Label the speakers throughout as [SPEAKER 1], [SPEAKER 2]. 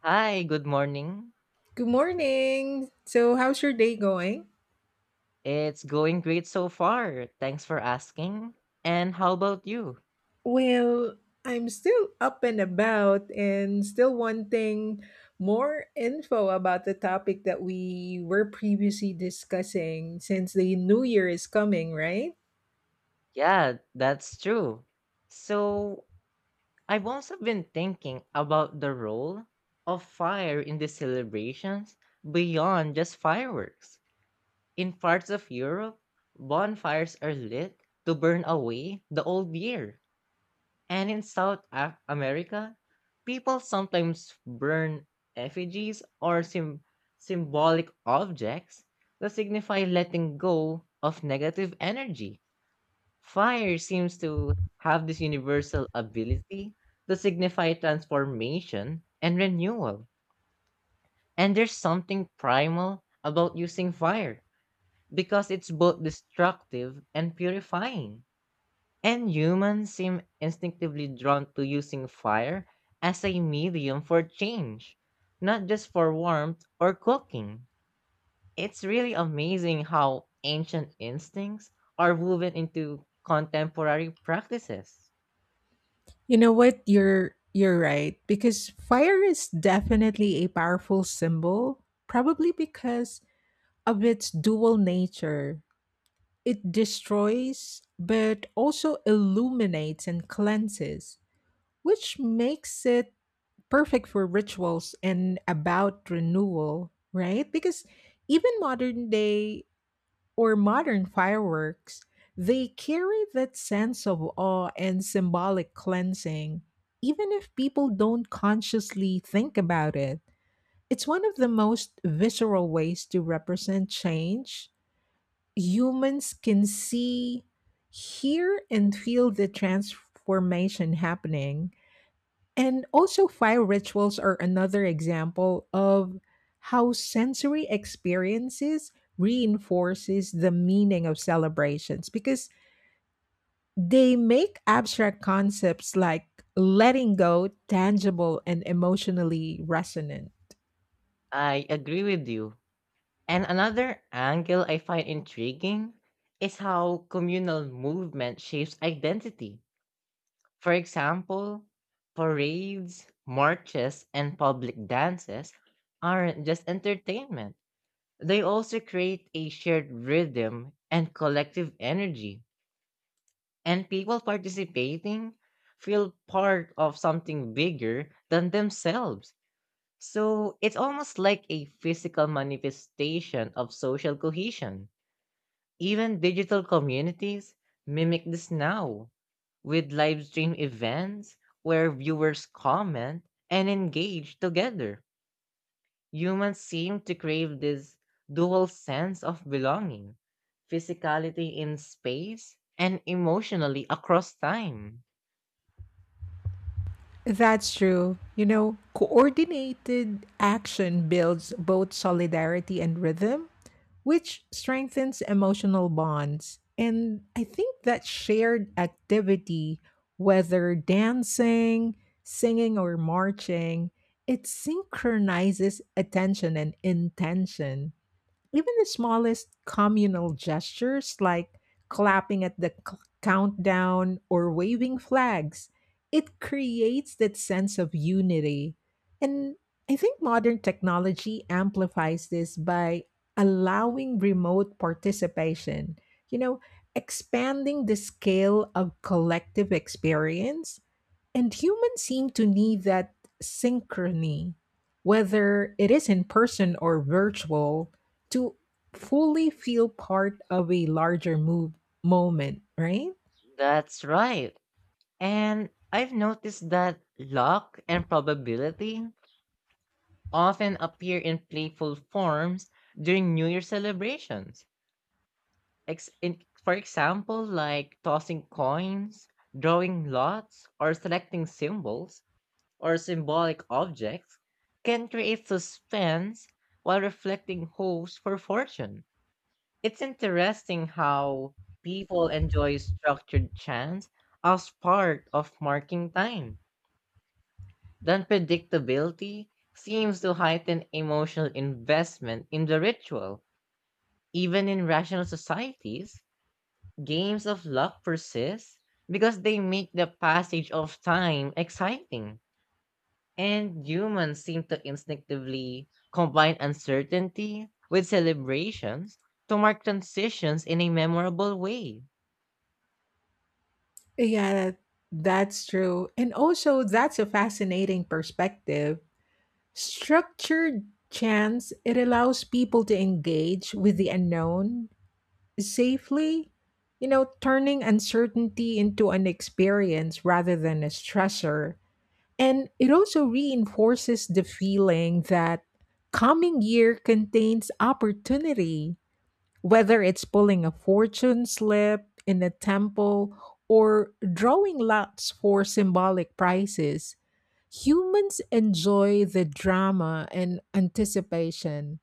[SPEAKER 1] Hi, good morning.
[SPEAKER 2] Good morning. How's your day going?
[SPEAKER 1] It's going great so far. Thanks for asking. And how about you?
[SPEAKER 2] Well, I'm still up and about and still wanting more info about the topic that we were previously discussing since the new year is coming, right?
[SPEAKER 1] Yeah, that's true. So, I've also been thinking about the role of fire in the celebrations beyond just fireworks. In parts of Europe, bonfires are lit to burn away the old year. And in America, people sometimes burn effigies or symbolic objects to signify letting go of negative energy. Fire seems to have this universal ability to signify transformation and renewal. And there's something primal about using fire because it's both destructive and purifying. And humans seem instinctively drawn to using fire as a medium for change, not just for warmth or cooking. It's really amazing how ancient instincts are woven into contemporary practices.
[SPEAKER 2] You know what? You're right because fire is definitely a powerful symbol, probably because of its dual nature. It destroys but also illuminates and cleanses which makes it perfect for rituals and about renewal, right? Because even modern day or modern fireworks, they carry that sense of awe and symbolic cleansing, even if people don't consciously think about it. It's one of the most visceral ways to represent change. Humans can see, hear, and feel the transformation happening and also, fire rituals are another example of how sensory experiences reinforces the meaning of celebrations because they make abstract concepts like letting go tangible and emotionally resonant.
[SPEAKER 1] I agree with you. And another angle I find intriguing is how communal movement shapes identity. For example, parades, marches, and public dances aren't just entertainment. They also create a shared rhythm and collective energy, and people participating feel part of something bigger than themselves. So it's almost like a physical manifestation of social cohesion. Even digital communities mimic this now with live stream events where viewers comment and engage together. Humans seem to crave this dual sense of belonging, physicality in space and emotionally across time.
[SPEAKER 2] That's true. You know, coordinated action builds both solidarity and rhythm, which strengthens emotional bonds. And I think that shared activity, whether dancing, singing, or marching, it synchronizes attention and intention. Even the smallest communal gestures like clapping at the countdown or waving flags, it creates that sense of unity. And I think modern technology amplifies this by allowing remote participation, you know, expanding the scale of collective experience. And humans seem to need that synchrony, whether it is in person or virtual to fully feel part of a larger move moment, right?
[SPEAKER 1] That's right. And I've noticed that luck and probability often appear in playful forms during New Year celebrations. Ex in For example, like tossing coins, drawing lots, or selecting symbols or symbolic objects can create suspense while reflecting hopes for fortune. It's interesting how people enjoy structured chance as part of marking time. The predictability seems to heighten emotional investment in the ritual. Even in rational societies, games of luck persist because they make the passage of time exciting. And humans seem to instinctively combine uncertainty with celebrations to mark transitions in a memorable way.
[SPEAKER 2] Yeah, that's true. And also, that's a fascinating perspective. Structured chance, it allows people to engage with the unknown safely, you know, turning uncertainty into an experience rather than a stressor. And it also reinforces the feeling that coming year contains opportunity. Whether it's pulling a fortune slip in a temple or drawing lots for symbolic prizes, humans enjoy the drama and anticipation.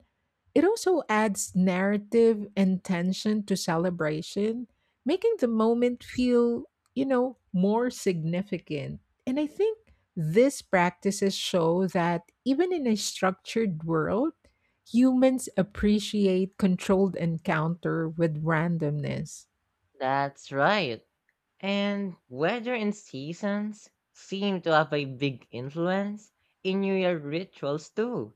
[SPEAKER 2] It also adds narrative and tension to celebration, making the moment feel, you know, more significant. And I think these practices show that even in a structured world, humans appreciate controlled encounter with randomness.
[SPEAKER 1] That's right. And weather and seasons seem to have a big influence in New Year rituals too.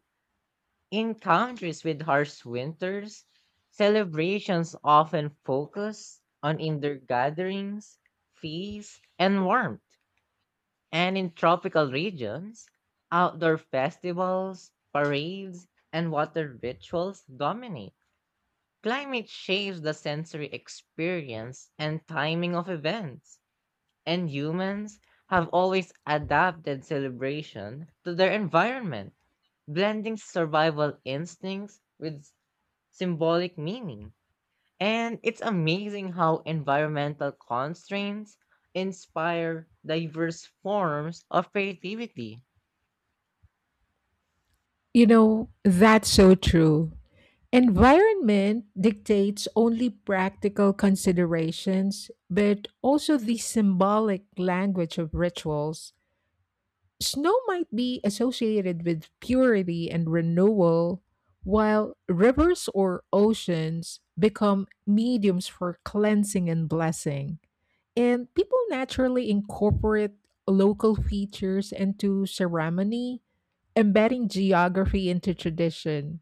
[SPEAKER 1] In countries with harsh winters, celebrations often focus on indoor gatherings, feasts, and warmth. And in tropical regions, outdoor festivals, parades, and water rituals dominate. Climate shapes the sensory experience and timing of events, and humans have always adapted celebration to their environment, blending survival instincts with symbolic meaning. And it's amazing how environmental constraints inspire diverse forms of creativity.
[SPEAKER 2] You know, that's so true. Environment dictates only practical considerations, but also the symbolic language of rituals. Snow might be associated with purity and renewal, while rivers or oceans become mediums for cleansing and blessing. And people naturally incorporate local features into ceremony, embedding geography into tradition.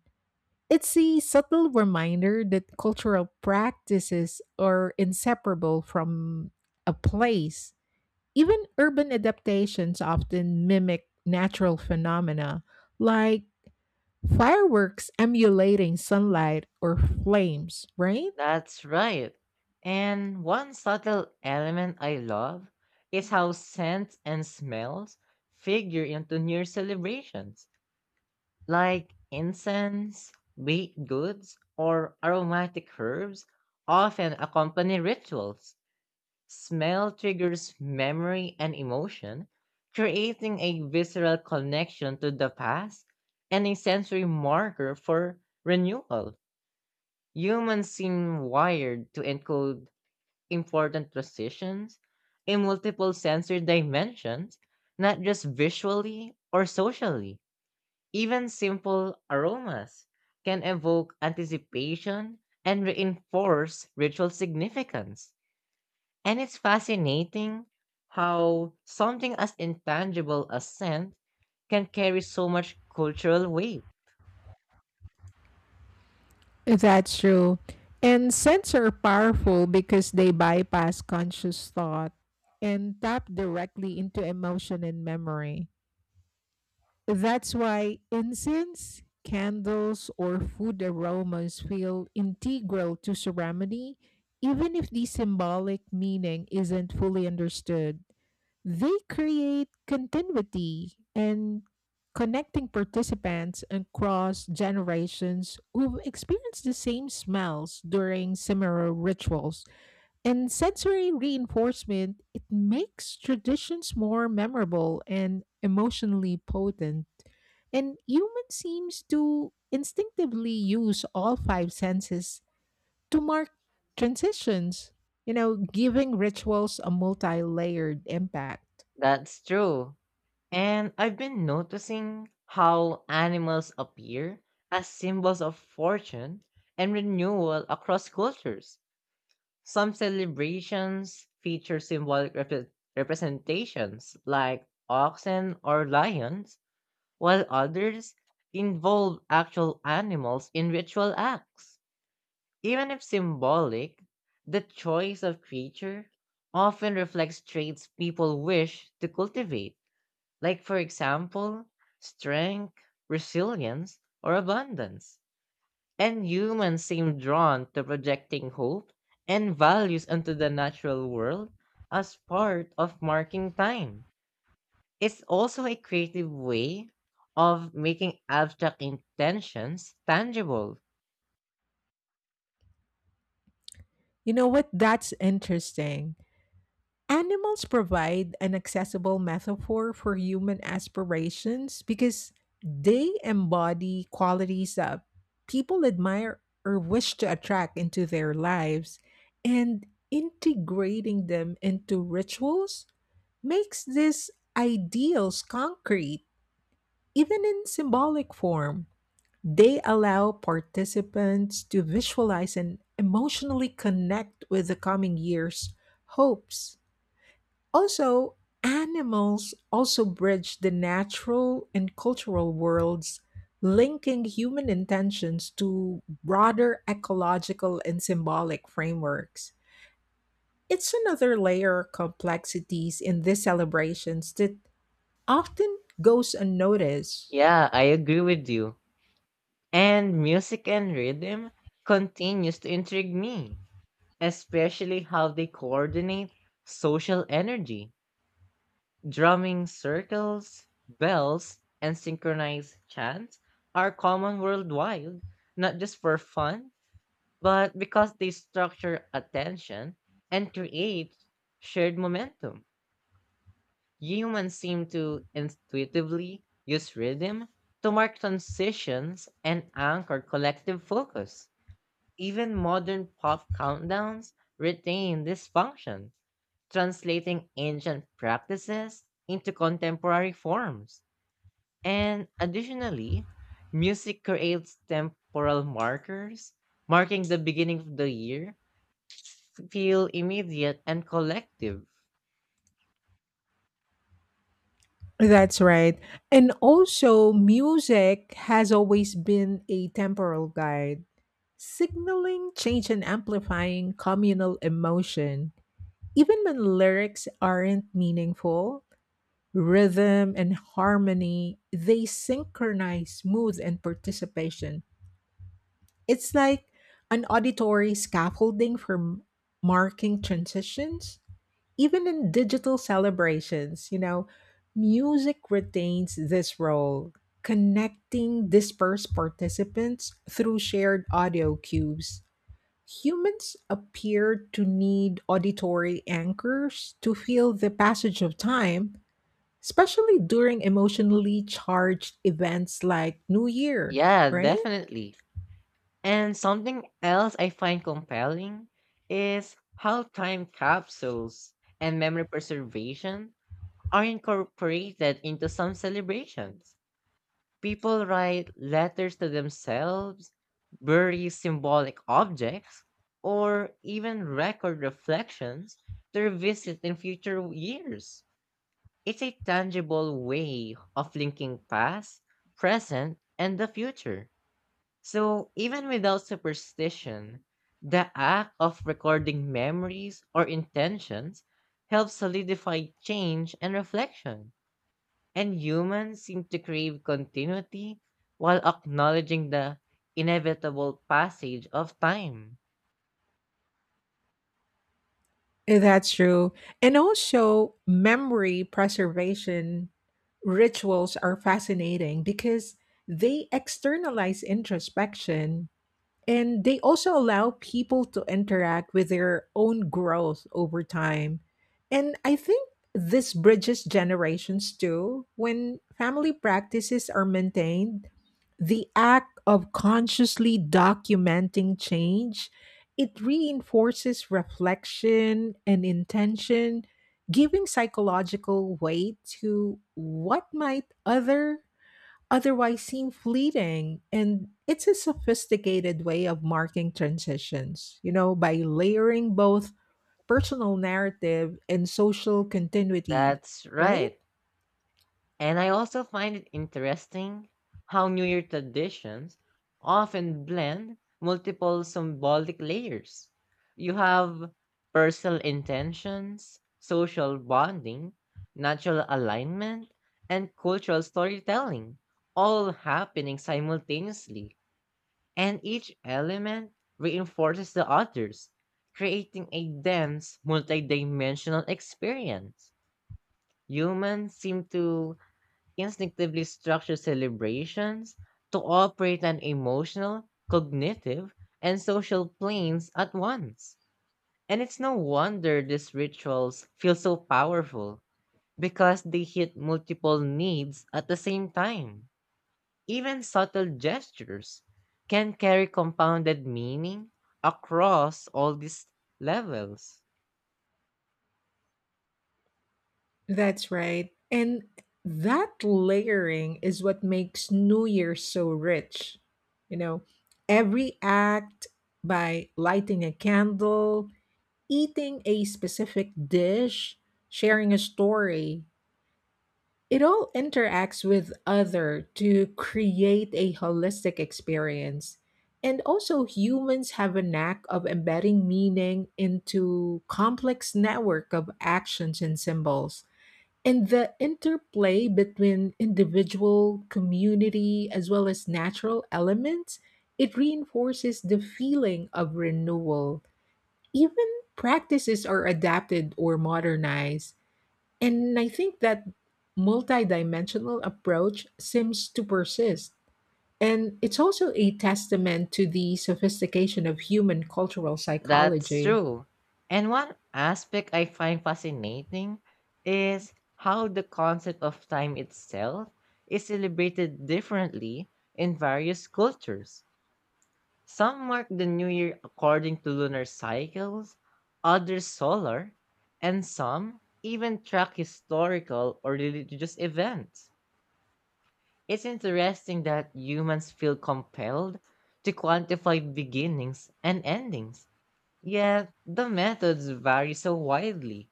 [SPEAKER 2] It's a subtle reminder that cultural practices are inseparable from a place. Even urban adaptations often mimic natural phenomena, like fireworks emulating sunlight or flames, right?
[SPEAKER 1] That's right. And one subtle element I love is how scents and smells figure into New Year celebrations, like incense, baked goods, or aromatic herbs often accompany rituals. Smell triggers memory and emotion, creating a visceral connection to the past and a sensory marker for renewal. Humans seem wired to encode important transitions in multiple sensory dimensions, not just visually or socially. Even simple aromas can evoke anticipation and reinforce ritual significance. And it's fascinating how something as intangible as scent can carry so much cultural weight.
[SPEAKER 2] That's true. And scents are powerful because they bypass conscious thought and tap directly into emotion and memory. That's why incense, candles, or food aromas feel integral to ceremony, even if the symbolic meaning isn't fully understood. They create continuity and connecting participants across generations who've experienced the same smells during similar rituals. And sensory reinforcement, it makes traditions more memorable and emotionally potent. And human seems to instinctively use all five senses to mark transitions, you know, giving rituals a multi layered impact.
[SPEAKER 1] That's true. And I've been noticing how animals appear as symbols of fortune and renewal across cultures. Some celebrations feature symbolic representations like oxen or lions, while others involve actual animals in ritual acts. Even if symbolic, the choice of creature often reflects traits people wish to cultivate, like, for example, strength, resilience, or abundance. And humans seem drawn to projecting hope and values onto the natural world as part of marking time. It's also a creative way of making abstract intentions tangible.
[SPEAKER 2] You know what? That's interesting. Animals provide an accessible metaphor for human aspirations because they embody qualities that people admire or wish to attract into their lives, and integrating them into rituals makes these ideals concrete, even in symbolic form. They allow participants to visualize and emotionally connect with the coming year's hopes. Also, animals also bridge the natural and cultural worlds, linking human intentions to broader ecological and symbolic frameworks. It's another layer of complexities in these celebrations that often goes unnoticed.
[SPEAKER 1] Yeah, I agree with you. And music and rhythm continues to intrigue me, especially how they coordinate social energy. Drumming circles, bells, and synchronized chants are common worldwide, not just for fun, but because they structure attention and create shared momentum. Humans seem to intuitively use rhythm to mark transitions and anchor collective focus. Even modern pop countdowns retain this function, translating ancient practices into contemporary forms. And additionally, music creates temporal markers, marking the beginning of the year, feel immediate and collective.
[SPEAKER 2] That's right. And also, music has always been a temporal guide, signaling change and amplifying communal emotion. Even when lyrics aren't meaningful, rhythm and harmony, they synchronize mood and participation. It's like an auditory scaffolding for marking transitions. Even in digital celebrations, you know, music retains this role, connecting dispersed participants through shared audio cues. Humans appear to need auditory anchors to feel the passage of time, especially during emotionally charged events like New Year,
[SPEAKER 1] Yeah,
[SPEAKER 2] right?
[SPEAKER 1] definitely. And something else I find compelling is how time capsules and memory preservation are incorporated into some celebrations. People write letters to themselves, bury symbolic objects, or even record reflections to revisit in future years. It's a tangible way of linking past, present, and the future. So, even without superstition, the act of recording memories or intentions helps solidify change and reflection. And humans seem to crave continuity while acknowledging the inevitable passage of time.
[SPEAKER 2] That's true. And also, memory preservation rituals are fascinating because they externalize introspection and they also allow people to interact with their own growth over time. And I think this bridges generations too. When family practices are maintained, the act of consciously documenting change it reinforces reflection and intention giving psychological weight to what might otherwise seem fleeting. And it's a sophisticated way of marking transitions, you know, by layering both personal narrative and social continuity,
[SPEAKER 1] That's
[SPEAKER 2] right?
[SPEAKER 1] right. And I also find it interesting how New Year traditions often blend multiple symbolic layers. You have personal intentions, social bonding, natural alignment, and cultural storytelling all happening simultaneously. And each element reinforces the others, creating a dense, multidimensional experience. Humans seem to instinctively structure celebrations to operate on emotional, cognitive, and social planes at once. And it's no wonder these rituals feel so powerful because they hit multiple needs at the same time. Even subtle gestures can carry compounded meaning across all these levels.
[SPEAKER 2] That's right. And that layering is what makes New Year so rich. You know, every act by lighting a candle, eating a specific dish, sharing a story, it all interacts with other to create a holistic experience. And also humans have a knack of embedding meaning into complex network of actions and symbols. And the interplay between individual, community, as well as natural elements, it reinforces the feeling of renewal. Even practices are adapted or modernized and I think that multidimensional approach seems to persist. And it's also a testament to the sophistication of human cultural
[SPEAKER 1] That's
[SPEAKER 2] psychology.
[SPEAKER 1] true. And one aspect I find fascinating is how the concept of time itself is celebrated differently in various cultures. Some mark the new year according to lunar cycles, others solar, and some even track historical or religious events. It's interesting that humans feel compelled to quantify beginnings and endings, yet the methods vary so widely.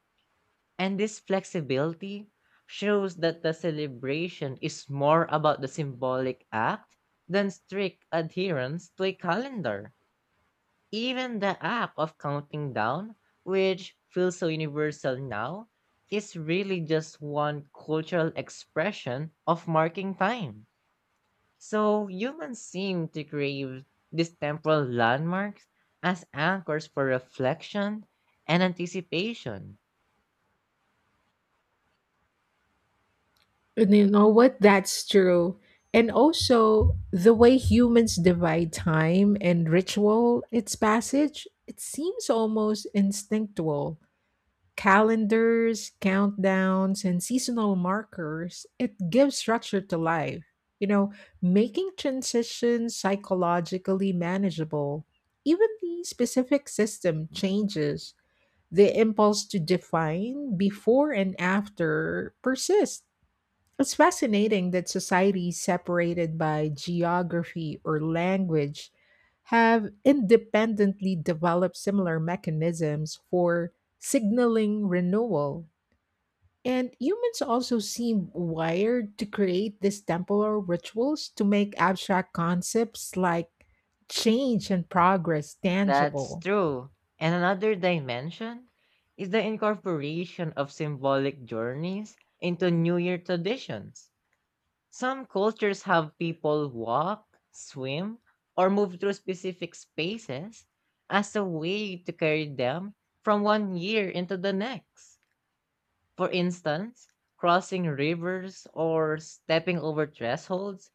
[SPEAKER 1] And this flexibility shows that the celebration is more about the symbolic act than strict adherence to a calendar. Even the act of counting down, which feels so universal now, is really just one cultural expression of marking time. So humans seem to crave these temporal landmarks as anchors for reflection and anticipation.
[SPEAKER 2] And you know what? That's true. And also, the way humans divide time and ritual, its passage, it seems almost instinctual. Calendars, countdowns, and seasonal markers, it gives structure to life, you know, making transitions psychologically manageable. Even the specific system changes. The impulse to define before and after persists. It's fascinating that societies separated by geography or language have independently developed similar mechanisms for signaling renewal. And humans also seem wired to create these temporal rituals to make abstract concepts like change and progress
[SPEAKER 1] That's
[SPEAKER 2] tangible.
[SPEAKER 1] true. And another dimension is the incorporation of symbolic journeys into New Year traditions. Some cultures have people walk, swim, or move through specific spaces as a way to carry them from one year into the next. For instance, crossing rivers or stepping over thresholds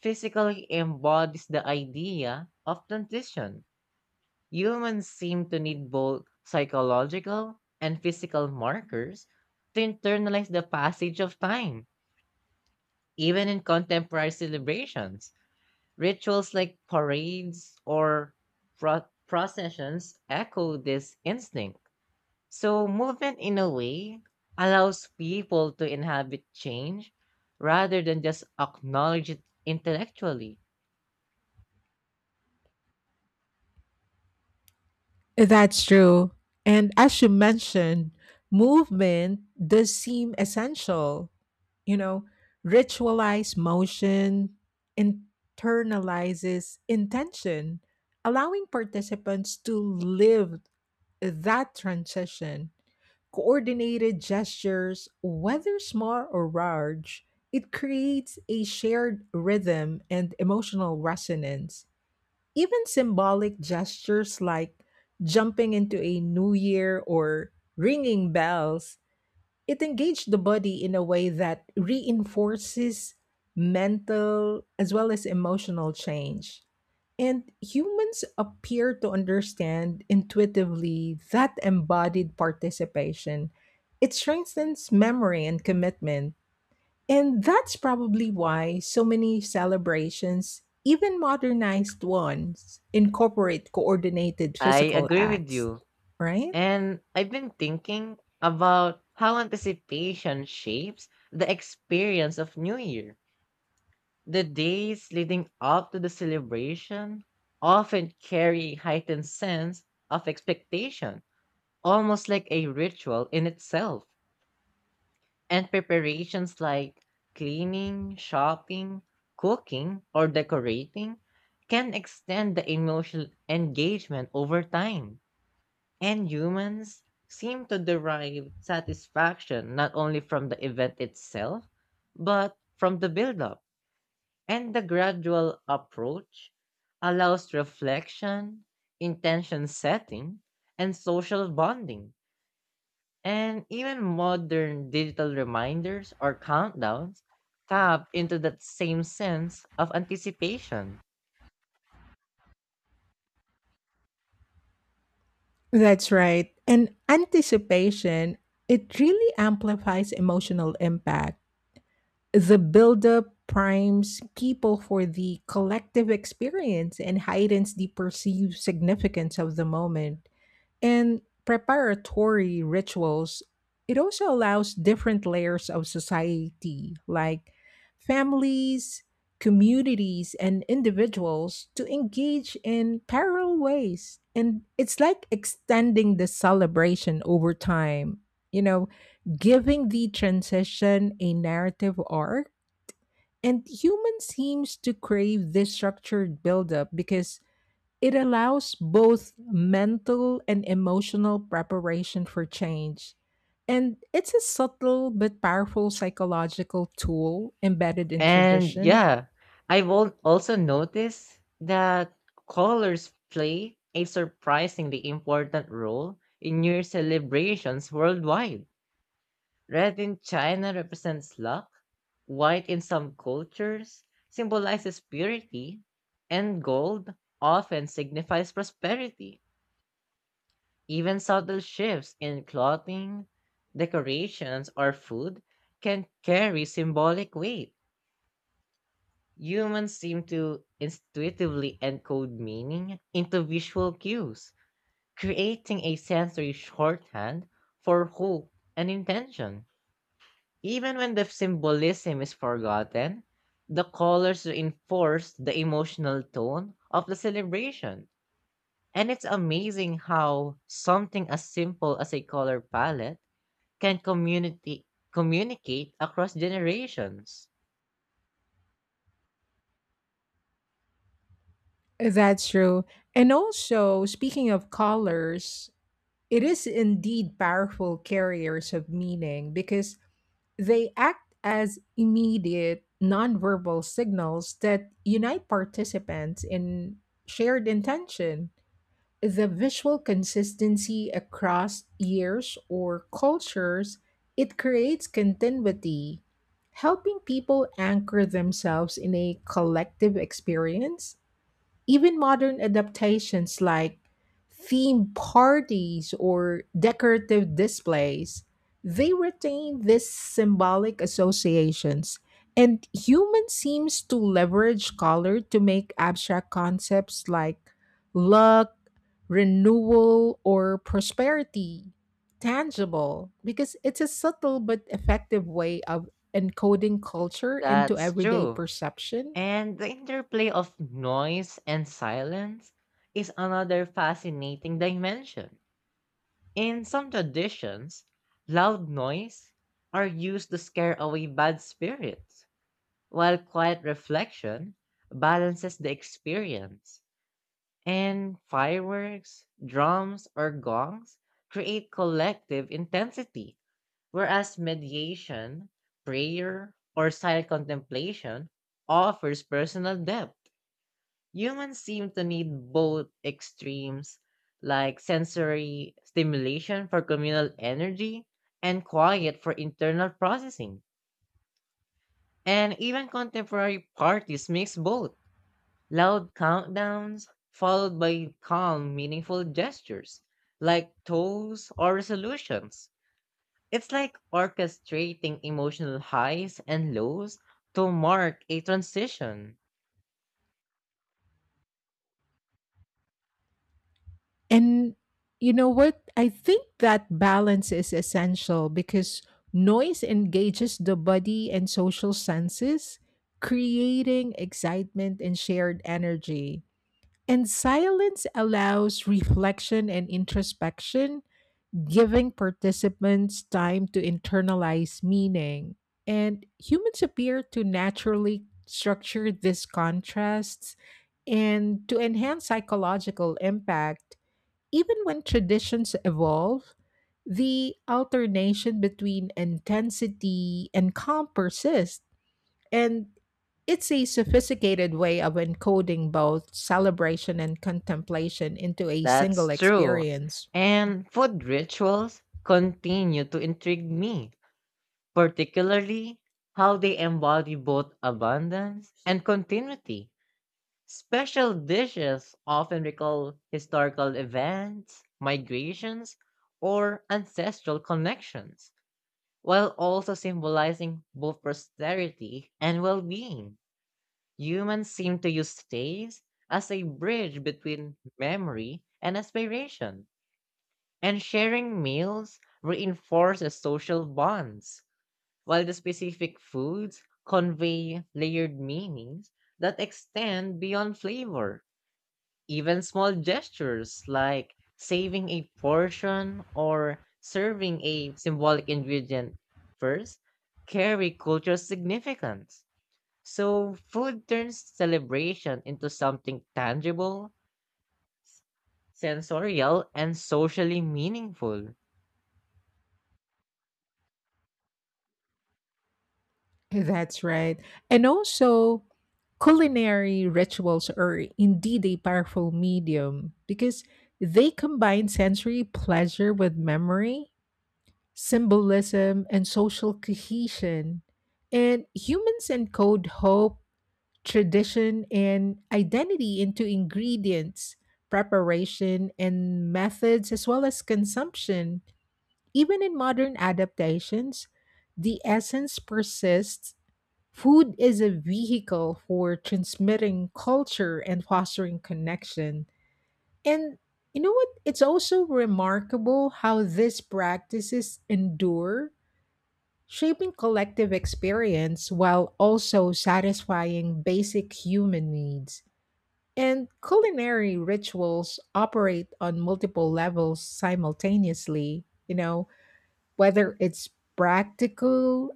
[SPEAKER 1] physically embodies the idea of transition. Humans seem to need both psychological and physical markers to internalize the passage of time. Even in contemporary celebrations, rituals like parades or processions echo this instinct. So, movement in a way allows people to inhabit change rather than just acknowledge it intellectually.
[SPEAKER 2] That's true. And as you mentioned, movement does seem essential. You know, ritualized motion internalizes intention, allowing participants to live that transition. Coordinated gestures, whether small or large, it creates a shared rhythm and emotional resonance. Even symbolic gestures like jumping into a new year or ringing bells, it engaged the body in a way that reinforces mental as well as emotional change. And humans appear to understand intuitively that embodied participation. It strengthens memory and commitment and that's probably why so many celebrations, even modernized ones, incorporate coordinated
[SPEAKER 1] I
[SPEAKER 2] physical
[SPEAKER 1] agree with
[SPEAKER 2] acts,
[SPEAKER 1] you.
[SPEAKER 2] right?
[SPEAKER 1] And I've been thinking about how anticipation shapes the experience of New Year. The days leading up to the celebration often carry heightened sense of expectation, almost like a ritual in itself. And preparations like cleaning, shopping, cooking, or decorating can extend the emotional engagement over time. And humans seem to derive satisfaction not only from the event itself, but from the build-up. And the gradual approach allows reflection, intention setting, and social bonding, and even modern digital reminders or countdowns tap into that same sense of anticipation.
[SPEAKER 2] That's right. And anticipation, it really amplifies emotional impact. The buildup primes people for the collective experience and heightens the perceived significance of the moment. In preparatory rituals, it also allows different layers of society, like families, communities, and individuals, to engage in parallel ways. And it's like extending the celebration over time, you know, giving the transition a narrative arc. And human seems to crave this structured buildup because it allows both mental and emotional preparation for change. And it's a subtle but powerful psychological tool embedded in
[SPEAKER 1] And
[SPEAKER 2] tradition.
[SPEAKER 1] yeah, I've also noticed that colors play a surprisingly important role in New Year celebrations worldwide. Red in China represents luck, white in some cultures symbolizes purity, and gold often signifies prosperity. Even subtle shifts in clothing, decorations, or food can carry symbolic weight. Humans seem to intuitively encode meaning into visual cues, creating a sensory shorthand for hope and intention. Even when the symbolism is forgotten, the colors reinforce the emotional tone of the celebration. And it's amazing how something as simple as a color palette can community communicate across generations.
[SPEAKER 2] That's true. And also, speaking of colors, it is indeed powerful carriers of meaning because they act as immediate nonverbal signals that unite participants in shared intention. The visual consistency across years or cultures, it creates continuity, helping people anchor themselves in a collective experience. Even modern adaptations like theme parties or decorative displays, they retain these symbolic associations. And human seems to leverage color to make abstract concepts like luck, renewal, or prosperity tangible because it's a subtle but effective way of encoding culture into
[SPEAKER 1] That's
[SPEAKER 2] everyday
[SPEAKER 1] true.
[SPEAKER 2] perception.
[SPEAKER 1] And the interplay of noise and silence is another fascinating dimension. In some traditions, loud noise are used to scare away bad spirits, while quiet reflection balances the experience. And fireworks, drums, or gongs create collective intensity, whereas mediation, prayer, or silent contemplation offers personal depth. Humans seem to need both extremes, like sensory stimulation for communal energy and quiet for internal processing. And even contemporary parties mix both loud countdowns followed by calm, meaningful gestures like toasts or resolutions. It's like orchestrating emotional highs and lows to mark a transition.
[SPEAKER 2] And you know what? I think that balance is essential because noise engages the body and social senses, creating excitement and shared energy. And silence allows reflection and introspection, giving participants time to internalize meaning. And humans appear to naturally structure these contrasts and to enhance psychological impact. Even when traditions evolve, the alternation between intensity and calm persists. And it's a sophisticated way of encoding both celebration and contemplation into a
[SPEAKER 1] That's
[SPEAKER 2] single
[SPEAKER 1] true.
[SPEAKER 2] experience.
[SPEAKER 1] And food rituals continue to intrigue me, particularly how they embody both abundance and continuity. Special dishes often recall historical events, migrations, or ancestral connections, while also symbolizing both prosperity and well being. Humans seem to use taste as a bridge between memory and aspiration, and sharing meals reinforces social bonds, while the specific foods convey layered meanings that extend beyond flavor. Even small gestures like saving a portion or serving a symbolic ingredient first carry cultural significance. So food turns celebration into something tangible, sensorial, and socially meaningful.
[SPEAKER 2] That's right. And also, culinary rituals are indeed a powerful medium because they combine sensory pleasure with memory, symbolism, and social cohesion. And humans encode hope tradition and identity into ingredients, preparation, and methods, as well as consumption. Even in modern adaptations, the essence persists. Food is a vehicle for transmitting culture and fostering connection. And you know what? It's also remarkable how these practices endure, shaping collective experience while also satisfying basic human needs. And culinary rituals operate on multiple levels simultaneously, you know, whether it's practical,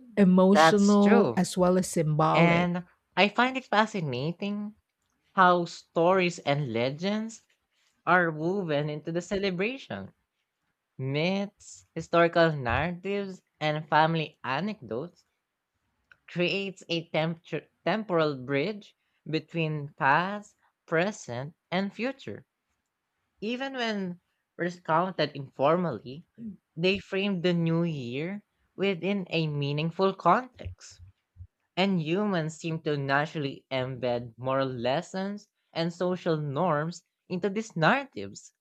[SPEAKER 1] That's
[SPEAKER 2] emotional,
[SPEAKER 1] true.
[SPEAKER 2] as well as symbolic.
[SPEAKER 1] And I find it fascinating how stories and legends are woven into the celebration. Myths, historical narratives, and family anecdotes creates a temporal bridge between past, present, and future. Even when recounted informally, they frame the new year within a meaningful context. And humans seem to naturally embed moral lessons and social norms into these narratives.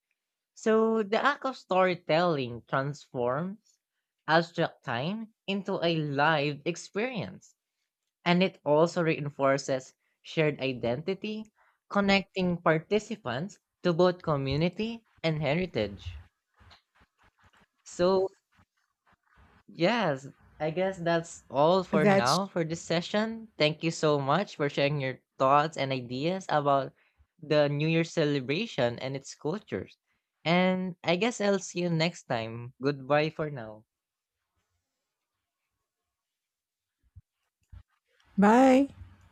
[SPEAKER 1] So the act of storytelling transforms abstract time into a live experience, and it also reinforces shared identity, connecting participants to both community and heritage. So, yes, I guess that's all for
[SPEAKER 2] That's
[SPEAKER 1] now for this session. Thank you so much for sharing your thoughts and ideas about the New Year celebration and its cultures. And I guess I'll see you next time. Goodbye for now.
[SPEAKER 2] bye.